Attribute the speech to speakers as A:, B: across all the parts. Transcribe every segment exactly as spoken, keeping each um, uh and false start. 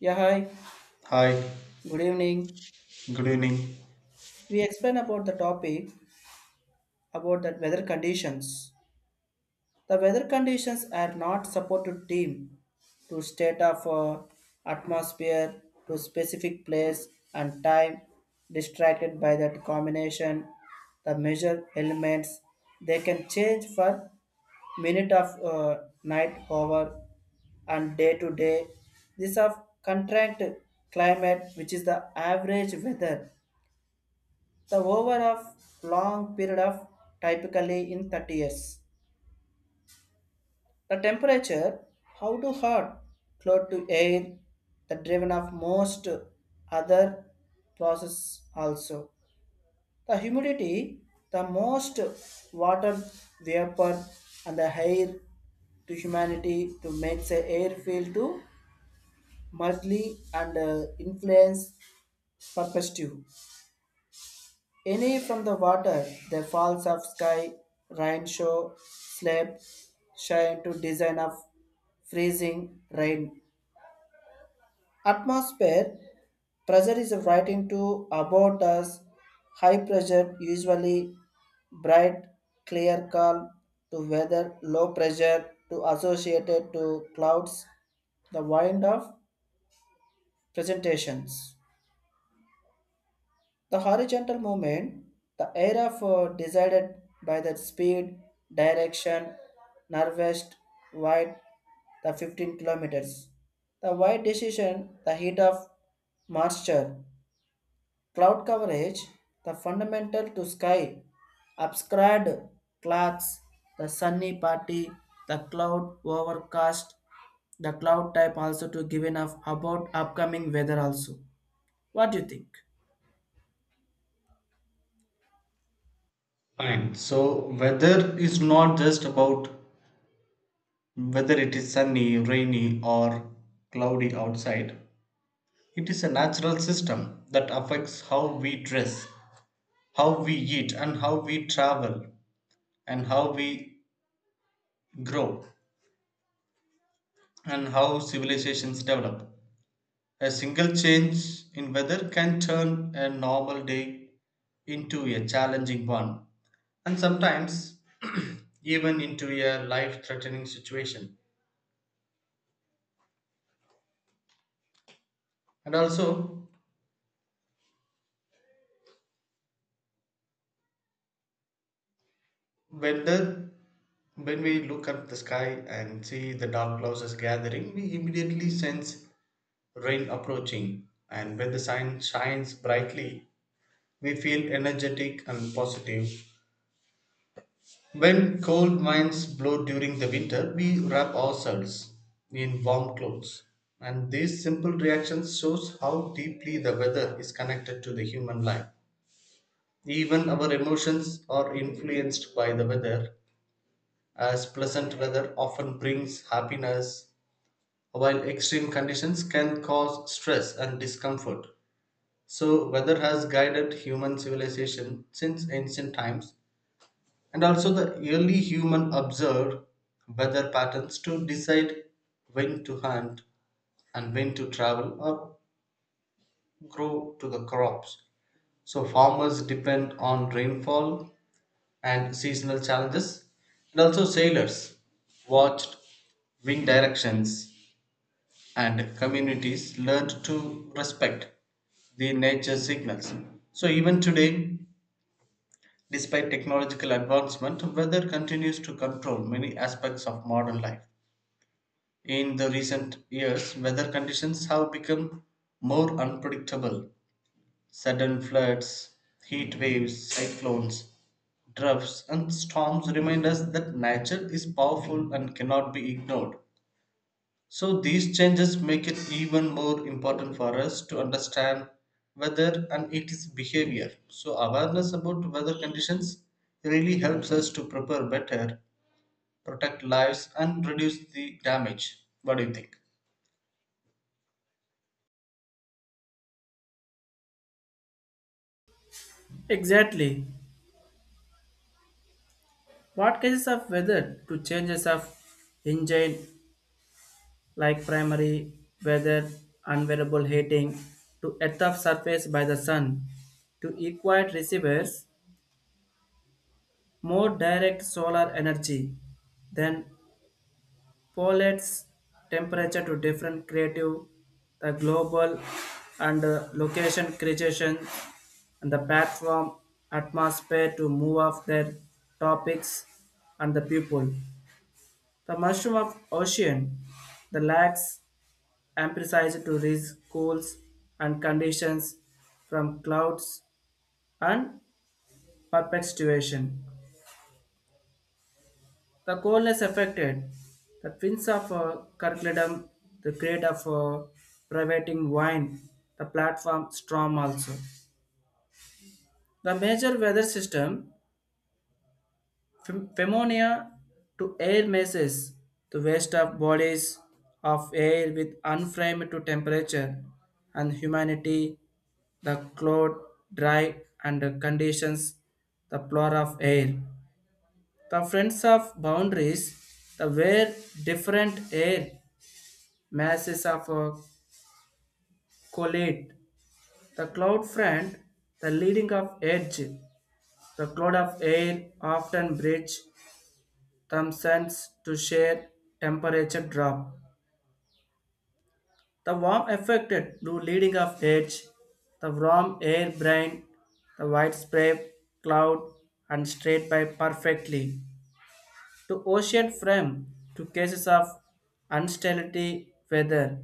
A: Yeah, hi.
B: Hi,
A: Good evening.
B: good evening.
A: We explain about the topic about the weather conditions. The weather conditions are not supported team to state of uh, atmosphere to specific place and time distracted by that combination the measure elements they can change for minute of uh, night hour and day to day. This of contract climate, which is the average weather. The over of long period of typically in thirty years. The temperature, how to hot, close to air, the driven of most other process also. The humidity, the most water vapor and the air to humanity to make the air feel to mildly and uh, influence perspective. Any from the water, the falls of sky, rain show, slab, shine to design of freezing rain. Atmosphere pressure is writing to about us. High pressure usually bright, clear, calm to weather. Low pressure to associated to clouds. The wind of presentations. The horizontal movement, the area for decided by the speed, direction, northwest, wide, the fifteen kilometers. The wide decision, the heat of moisture, cloud coverage, the fundamental to sky, obscured clouds, the sunny party, the cloud overcast, the cloud type also to give enough about upcoming weather also. What do you think?
B: Fine. So, weather is not just about whether it is sunny, rainy, or cloudy outside. It is a natural system that affects how we dress, how we eat, and how we travel, and how we grow, and how civilizations develop. A single change in weather can turn a normal day into a challenging one, and sometimes even into a life threatening situation. And also, when, the, when we look up the sky and see the dark clouds is gathering, we immediately sense rain approaching. And when the sun shines brightly, we feel energetic and positive. When cold winds blow during the winter, we wrap ourselves in warm clothes. And these simple reactions shows how deeply the weather is connected to the human life. Even our emotions are influenced by the weather, as pleasant weather often brings happiness, while extreme conditions can cause stress and discomfort. So, weather has guided human civilization since ancient times, and also the early human observed weather patterns to decide when to hunt and when to travel or grow to the crops. So farmers depend on rainfall and seasonal challenges, and also sailors watched wind directions, and communities learned to respect the nature signals. So even today, despite technological advancement, weather continues to control many aspects of modern life. In the recent years, weather conditions have become more unpredictable. Sudden floods, heat waves, cyclones, droughts, and storms remind us that nature is powerful and cannot be ignored. So these changes make it even more important for us to understand weather and its behavior. So awareness about weather conditions really helps us to prepare better, protect lives and reduce the damage. What do you think?
A: Exactly. What cases of weather to changes of engine like primary weather, unwearable heating to earth of surface by the sun to equate receivers more direct solar energy then polates temperature to different creative the global and uh, location creation and the platform atmosphere to move off their topics and the people. The mushroom of ocean, the lags emphasize to risk cools and conditions from clouds and perpetuation. The coldness affected the fins of uh, curriculum, the grade of uh, privating wine, the platform storm also. The major weather system Fem- Pneumonia to air masses, the waste of bodies of air with unframed to temperature and humanity, the cloud, dry and the conditions, the floor of air. The friends of boundaries, the where different air masses of uh, collide. The cloud front, the leading of edge, the cloud of air often bridge transcends to share temperature drop. The warm affected to leading of edge, the warm air brain, the widespread cloud and straight by perfectly to ocean frame to cases of unstability weather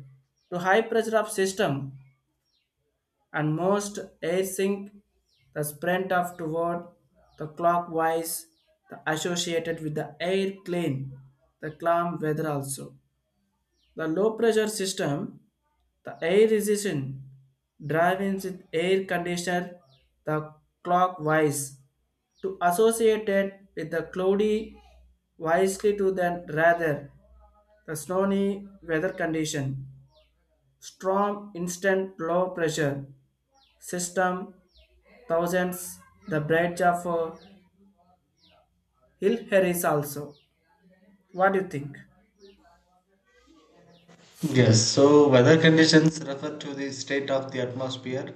A: to high pressure of system and most air sink the sprint of toward the clockwise the associated with the air clean the calm weather also. The low pressure system, the air resistance driving with air conditioner, the clockwise to associate it with the cloudy wisely to then rather the snowy weather condition, strong instant low pressure system, thousands, the bridge of uh, Hill Harris also. What do you think?
B: Yes, so weather conditions refer to the state of the atmosphere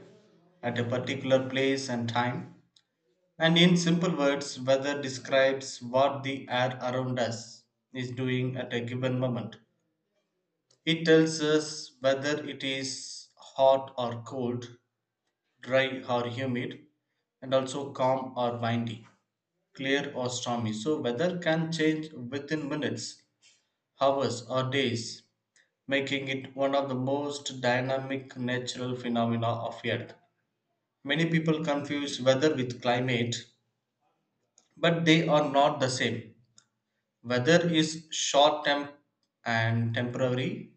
B: at a particular place and time. And in simple words, weather describes what the air around us is doing at a given moment. It tells us whether it is hot or cold, dry or humid, and also calm or windy, clear or stormy. So, weather can change within minutes, hours, or days, making it one of the most dynamic natural phenomena of Earth. Many people confuse weather with climate, but they are not the same. Weather is short term and temporary,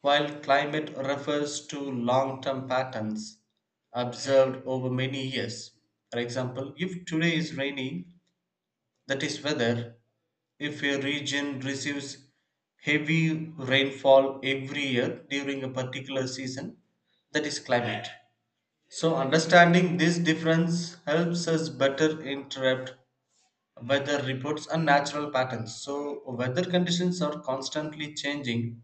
B: while climate refers to long term patterns observed over many years. For example, if today is raining, that is weather. If a region receives heavy rainfall every year during a particular season, that is climate. So, understanding this difference helps us better interpret weather reports and natural patterns. So, weather conditions are constantly changing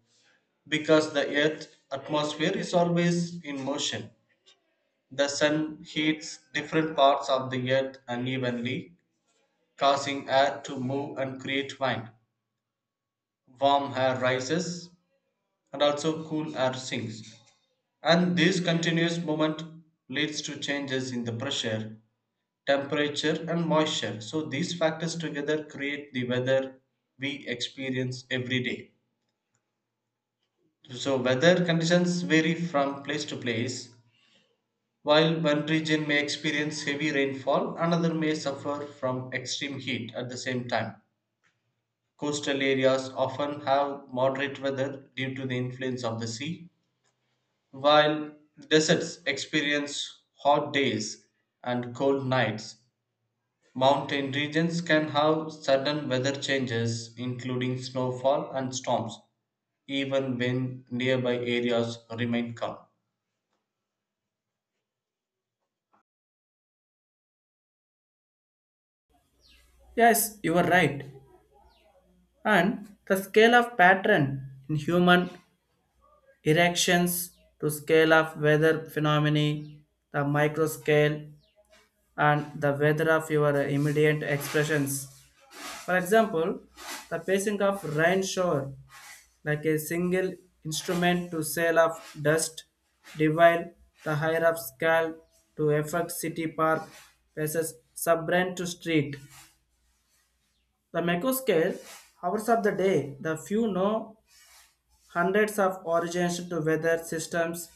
B: because the earth's atmosphere is always in motion. The sun heats different parts of the earth unevenly, causing air to move and create wind. Warm air rises and also cool air sinks. And this continuous movement leads to changes in the pressure, temperature, and moisture. So, these factors together create the weather we experience every day. So, weather conditions vary from place to place. While one region may experience heavy rainfall, another may suffer from extreme heat at the same time. Coastal areas often have moderate weather due to the influence of the sea, while deserts experience hot days and cold nights. Mountain regions can have sudden weather changes, including snowfall and storms, even when nearby areas remain calm.
A: Yes, you are right. And the scale of pattern in human erections to scale of weather phenomena, the micro scale, and the weather of your immediate expressions. For example, the pacing of rain shower, like a single instrument to sail of dust, divide the higher of scale to affect city park, passes subbrain to street. The macro scale, hours of the day, the few know hundreds of origins to weather systems,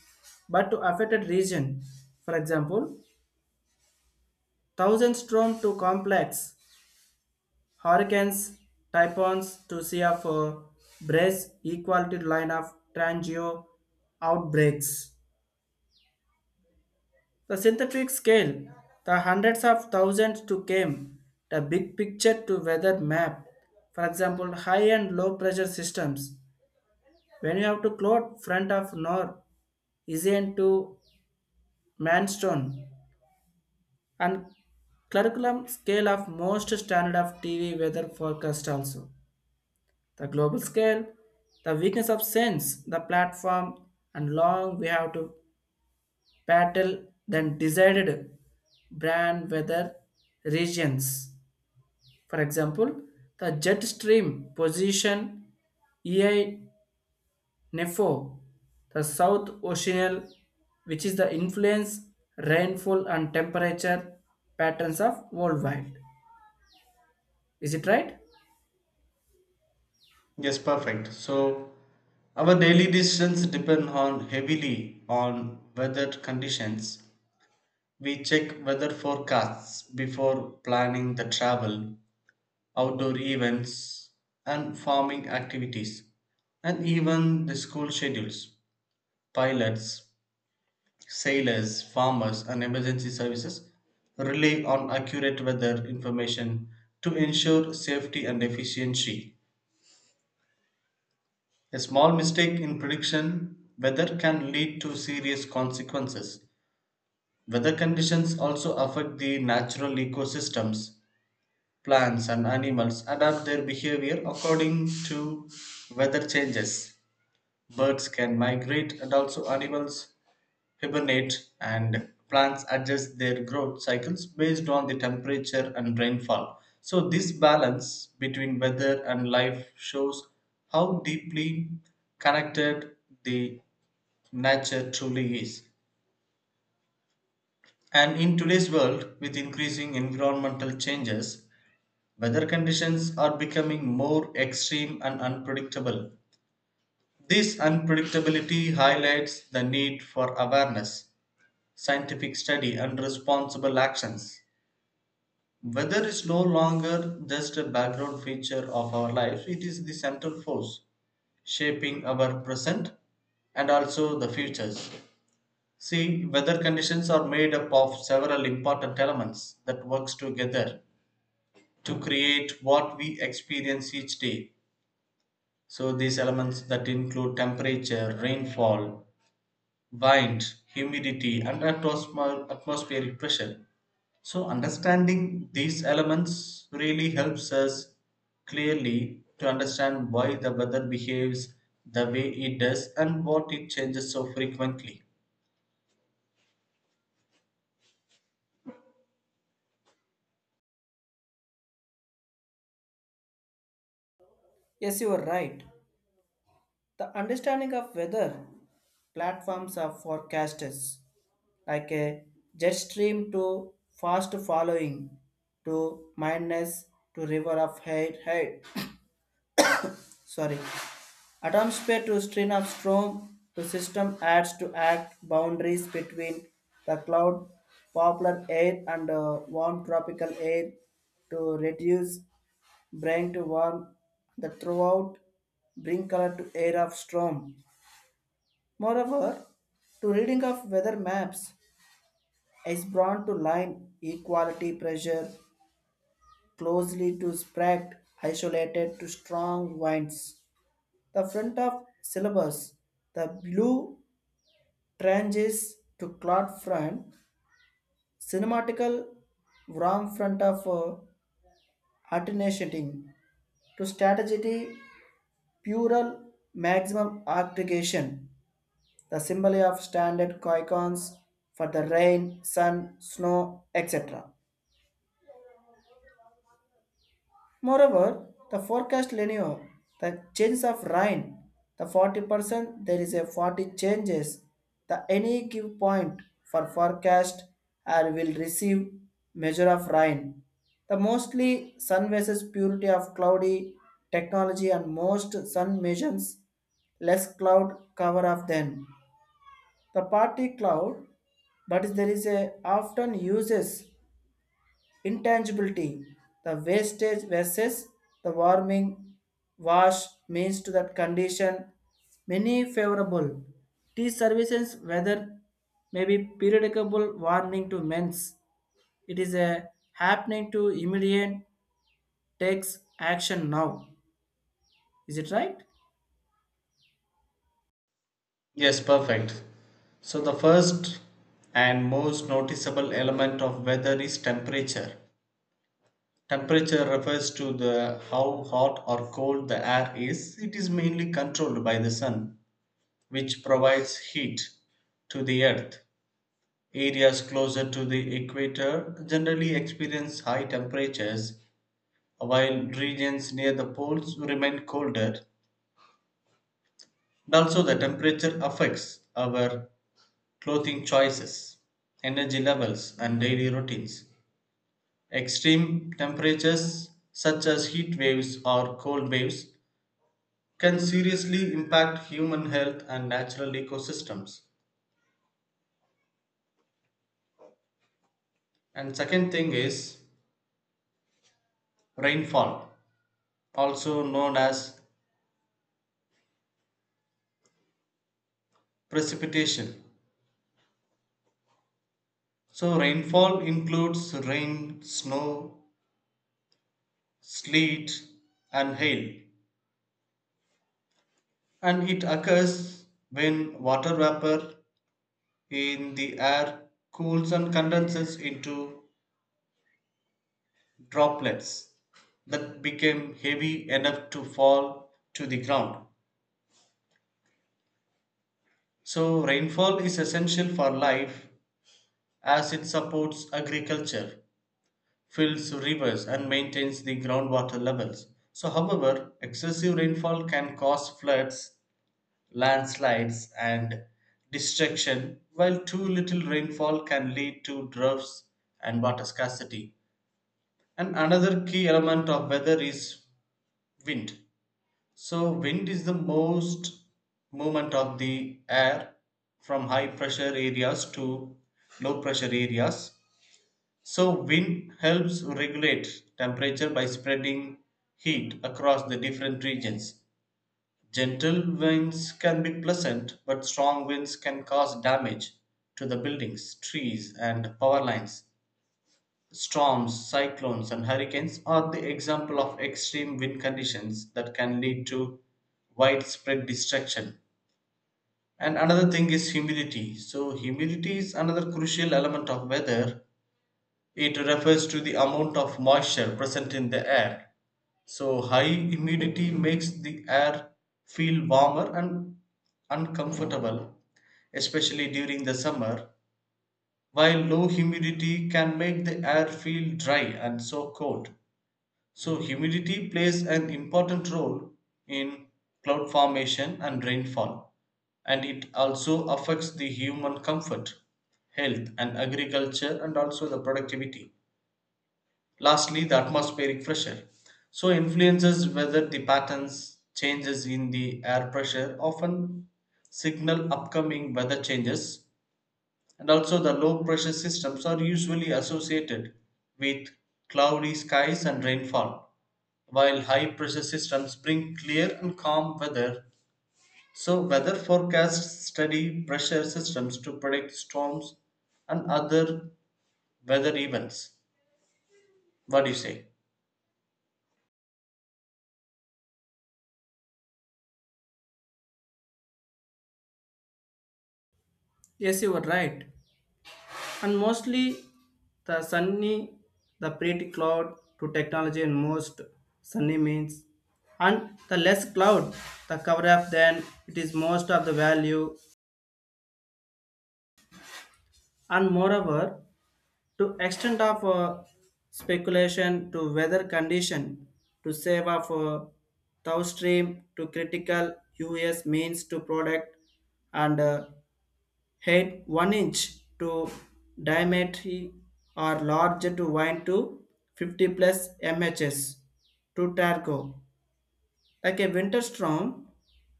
A: but to affected region. For example, thousand storm to complex hurricanes, typhoons to sea of uh, brace equal to line of transgeo outbreaks. The synthetic scale, the hundreds of thousands to came, the big picture to weather map. For example, high and low pressure systems. When you have to cloud front of north, isn't to manstone and curriculum scale of most standard of T V weather forecast also. The global scale, the weakness of sense, the platform, and long we have to battle then decided brand weather regions. For example, the jet stream position E I N E F O, the South Oceanial, which is the influence, rainfall, and temperature patterns of worldwide. Is it right?
B: Yes, perfect. So our daily decisions depend on heavily on weather conditions. We check weather forecasts before planning the travel, outdoor events, and farming activities, and even the school schedules. Pilots, sailors, farmers, and emergency services rely on accurate weather information to ensure safety and efficiency. A small mistake in prediction weather can lead to serious consequences. Weather conditions also affect the natural ecosystems. Plants and animals adapt their behavior according to weather changes. Birds can migrate and also animals hibernate and plants adjust their growth cycles based on the temperature and rainfall. So, this balance between weather and life shows how deeply connected the nature truly is. And in today's world, with increasing environmental changes, weather conditions are becoming more extreme and unpredictable. This unpredictability highlights the need for awareness, scientific study and responsible actions. Weather is no longer just a background feature of our lives, it is the central force shaping our present and also the futures. See, weather conditions are made up of several important elements that works together to create what we experience each day. So these elements that include temperature, rainfall, wind, humidity and atmospheric pressure. So, understanding these elements really helps us clearly to understand why the weather behaves the way it does and what it changes so frequently.
A: Yes, you are right. The understanding of weather platforms are forecasters, like a jet stream to fast following to madness to river of hate hate. Sorry, atmosphere to stream of storm to system adds to act boundaries between the cloud, popular air and uh, warm tropical air to reduce brain to warm the throughout bring color to air of storm. Moreover, to reading of weather maps is brought to line equality pressure closely to spread isolated to strong winds. The front of syllabus, the blue tranches to cloud front, cinematical wrong front of uh, alternating to strategy plural maximum aggregation the symbol of standard icons for the rain, sun, snow, et cetera. Moreover, the forecast linear, the change of rain, the forty percent there is a forty changes, the any give point for forecast or will receive measure of rain. The mostly sun versus purity of cloudy technology and most sun measures less cloud cover of them. The party cloud but there is a often uses intangibility the wastage versus the warming wash means to that condition many favorable tea services whether may be periodicable warning to men's it is a happening to immediate takes action now. Is it right?
B: Yes, perfect. So, the first and most noticeable element of weather is temperature. Temperature refers to the how hot or cold the air is. It is mainly controlled by the sun, which provides heat to the earth. Areas closer to the equator generally experience high temperatures, while regions near the poles remain colder. And also, the temperature affects our clothing choices, energy levels, and daily routines. Extreme temperatures, such as heat waves or cold waves, can seriously impact human health and natural ecosystems. And second thing is rainfall, also known as precipitation. So rainfall includes rain, snow, sleet and hail, and it occurs when water vapor in the air cools and condenses into droplets that became heavy enough to fall to the ground. So rainfall is essential for life as it supports agriculture, fills rivers and maintains the groundwater levels. So however, excessive rainfall can cause floods, landslides, and destruction, while too little rainfall can lead to droughts and water scarcity. And another key element of weather is wind. So, wind is the most movement of the air from high pressure areas to low pressure areas. So, wind helps regulate temperature by spreading heat across the different regions. Gentle winds can be pleasant, but strong winds can cause damage to the buildings, trees, and power lines. Storms, cyclones, and hurricanes are the example of extreme wind conditions that can lead to widespread destruction. And another thing is humidity. So, humidity is another crucial element of weather. It refers to the amount of moisture present in the air. So, high humidity makes the air feel warmer and uncomfortable, especially during the summer, while low humidity can make the air feel dry and so cold. So, humidity plays an important role in cloud formation and rainfall, and it also affects the human comfort, health, and agriculture, and also the productivity. Lastly, the atmospheric pressure so influences whether the patterns changes in the air pressure often signal upcoming weather changes, and also the low pressure systems are usually associated with cloudy skies and rainfall, while high pressure systems bring clear and calm weather. So weather forecasts study pressure systems to predict storms and other weather events. What do you say?
A: Yes, you are right. And mostly the sunny the pretty cloud to technology and most sunny means and the less cloud the cover up then it is most of the value. And moreover, to extent of uh, speculation to weather condition to save of uh, thou stream to critical us means to product and uh, head one inch to diameter or larger to wine to fifty plus mhs to targo. Like a winter storm,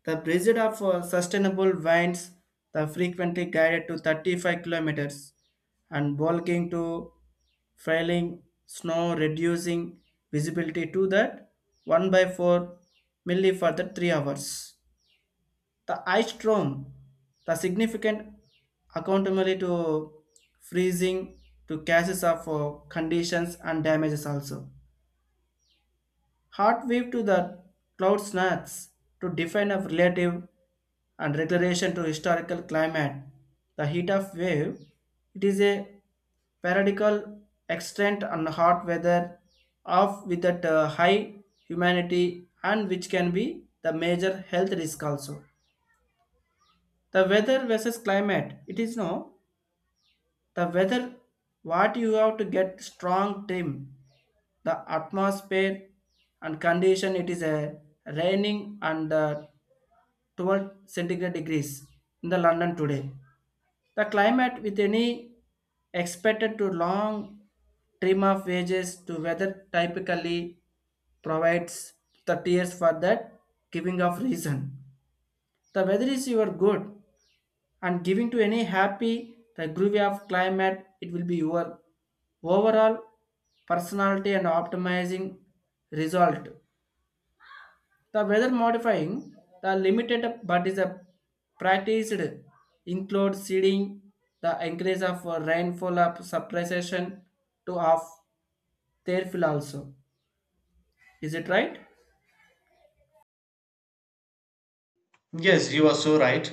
A: the breed of uh, sustainable winds the frequently guided to thirty-five kilometers and bulking to falling snow reducing visibility to that one by four milli for the three hours. The ice storm, the significant accountability to freezing to cases of uh, conditions and damages also. Hot wave to the cloud snacks to define a relative and regulation to historical climate. The heat of wave, it is a periodical extent and hot weather of with that uh, high humanity and which can be the major health risk also. The weather versus climate it is no the weather what you have to get strong team the atmosphere and condition it is a raining and uh, twelve centigrade degrees in the London today. The climate with any expected to long trim of wages to weather typically provides the tiers for that giving of reason the weather is your good and giving to any happy the groovy of climate it will be your overall personality and optimizing result. The weather modifying the limited but is a practiced include seeding the increase of rainfall of suppression to of their fill also. Is it right?
B: Yes, you are so right.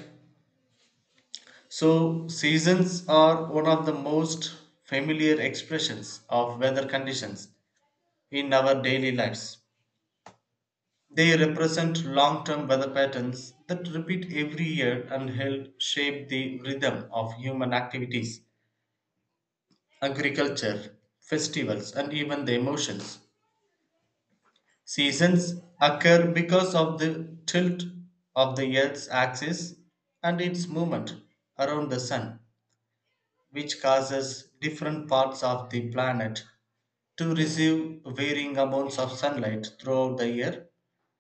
B: So, seasons are one of the most familiar expressions of weather conditions in our daily lives. They represent long term weather patterns that repeat every year and help shape the rhythm of human activities, agriculture, festivals, and even the emotions. Seasons occur because of the tilt of the Earth's axis and its movement around the Sun, which causes different parts of the planet to receive varying amounts of sunlight throughout the year.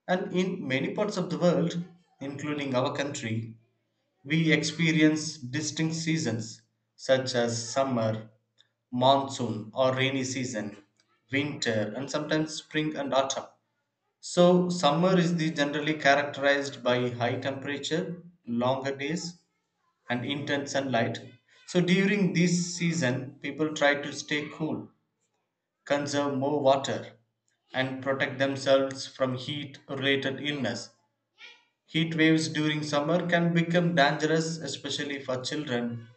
B: And in many parts of the world, including our country, we experience distinct seasons such as summer, monsoon or rainy season, winter, and sometimes spring and autumn. So, summer is the generally characterized by high temperature, longer days, and intense sunlight. So during this season, people try to stay cool, conserve more water, and protect themselves from heat related illness. Heat waves during summer can become dangerous, especially for children,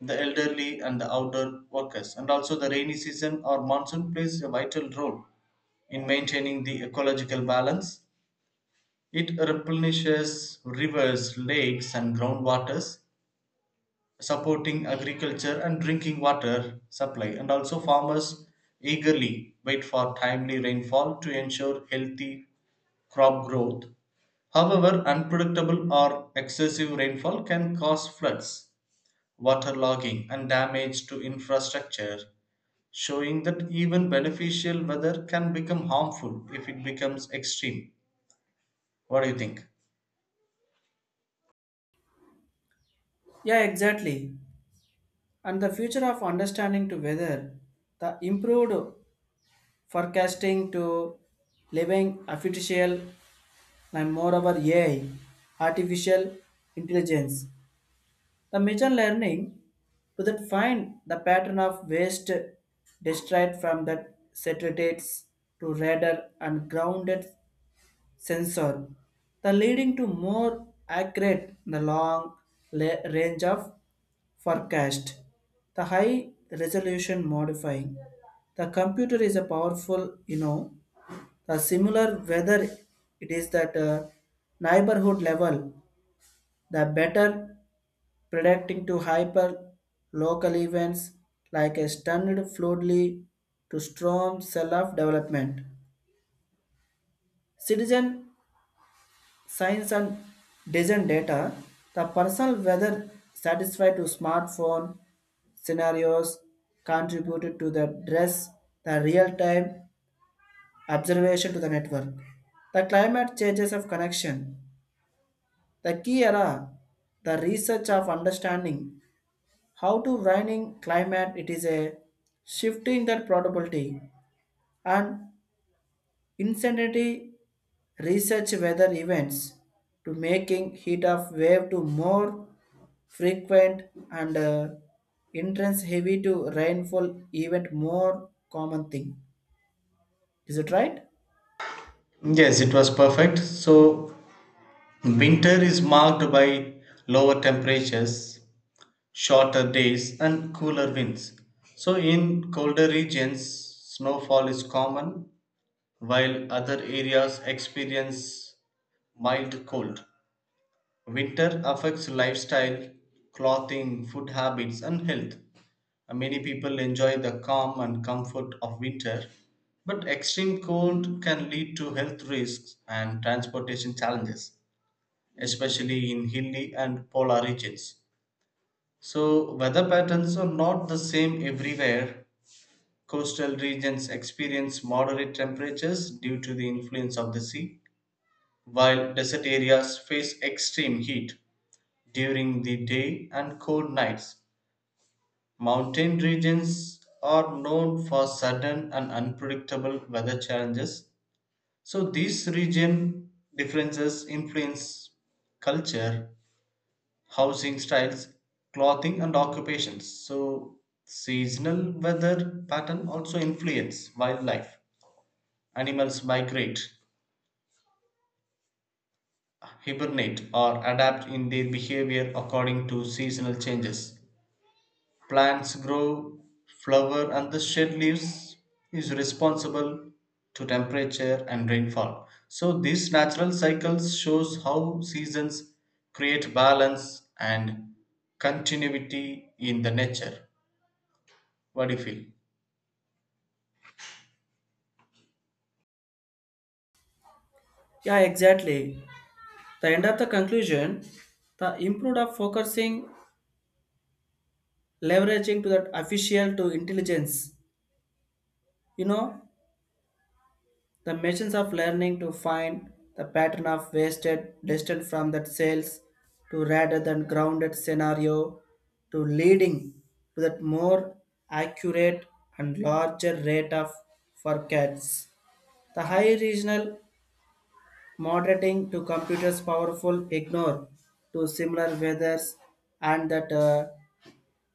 B: the elderly, and the outdoor workers. And also, the rainy season or monsoon plays a vital role in maintaining the ecological balance. It replenishes rivers, lakes, and groundwaters, supporting agriculture and drinking water supply, and also farmers eagerly wait for timely rainfall to ensure healthy crop growth. However, unpredictable or excessive rainfall can cause floods, waterlogging and damage to infrastructure, showing that even beneficial weather can become harmful if it becomes extreme. What do you think?
A: Yeah, exactly. And the future of understanding to weather the improved forecasting to living artificial and moreover A I, artificial intelligence. The machine learning to that find the pattern of waste destroyed from the satellites to radar and grounded sensor, the leading to more accurate the long la- range of forecast. The high resolution modifying. The computer is a powerful, you know, the similar whether it is that uh, neighborhood level, the better predicting to hyper local events like a stunned floodly to storm self-development. Citizen science and design data, the personal weather satisfied to smartphone scenarios contributed to the dress, the real-time observation to the network. The climate changes of connection. The key era, the research of understanding how to raining climate it is a shifting that probability and insanity research weather events to making heat of wave to more frequent and uh, intense heavy to rainfall event more common thing. Is it right?
B: Yes, it was perfect. So, winter is marked by lower temperatures, shorter days and cooler winds. So, in colder regions, snowfall is common, while other areas experience mild cold. Winter affects lifestyle, clothing, food habits, and health. Uh, Many people enjoy the calm and comfort of winter, but extreme cold can lead to health risks and transportation challenges, especially in hilly and polar regions. So, weather patterns are not the same everywhere. Coastal regions experience moderate temperatures due to the influence of the sea, while desert areas face extreme heat during the day and cold nights. Mountain regions are known for sudden and unpredictable weather challenges. So, these region differences influence culture, housing styles, clothing, and occupations. So, seasonal weather pattern also influence wildlife. Animals migrate, hibernate, or adapt in their behavior according to seasonal changes. Plants grow, flower, and the shed leaves is responsible to temperature and rainfall. So these natural cycles shows how seasons create balance and continuity in the nature. What do you feel?
A: Yeah, exactly. The end of the conclusion, the improved of focusing leveraging to that official to intelligence you know the machines of learning to find the pattern of wasted distant from that sales to rather than grounded scenario to leading to that more accurate and larger rate of forecasts the high regional moderating to computers powerful ignore to similar weathers and that uh,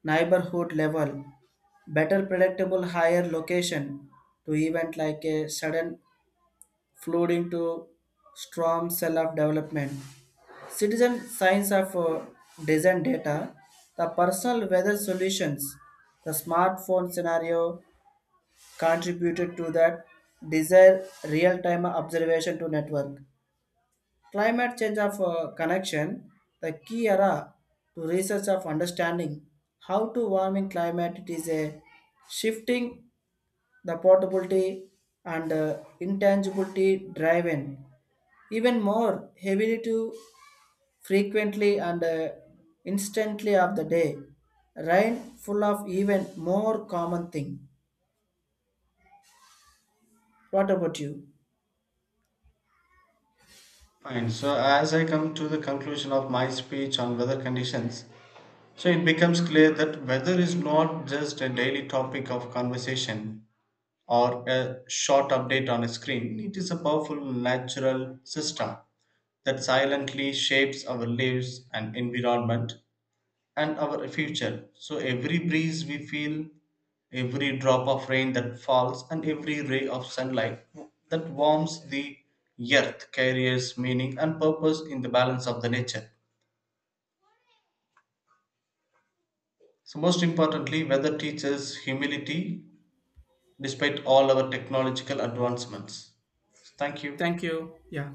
A: neighborhood level, better predictable higher location to event like a sudden flooding to storm cell of development. Citizen science of uh, design data, the personal weather solutions, the smartphone scenario contributed to that desire real-time observation to network. Climate change of uh, connection, the key era to research of understanding how to warming climate it is a shifting the portability and uh, intangibility driven even more heavily to frequently and uh, instantly of the day. Rain full of even more common thing. What about you?
B: Fine. So, as I come to the conclusion of my speech on weather conditions, so it becomes clear that weather is not just a daily topic of conversation or a short update on a screen, it is a powerful natural system that silently shapes our lives and environment and our future. So every breeze we feel, every drop of rain that falls, and every ray of sunlight that warms the earth carries meaning and purpose in the balance of the nature. So, most importantly, weather teaches humility despite all our technological advancements. Thank you.
A: Thank you. Yeah.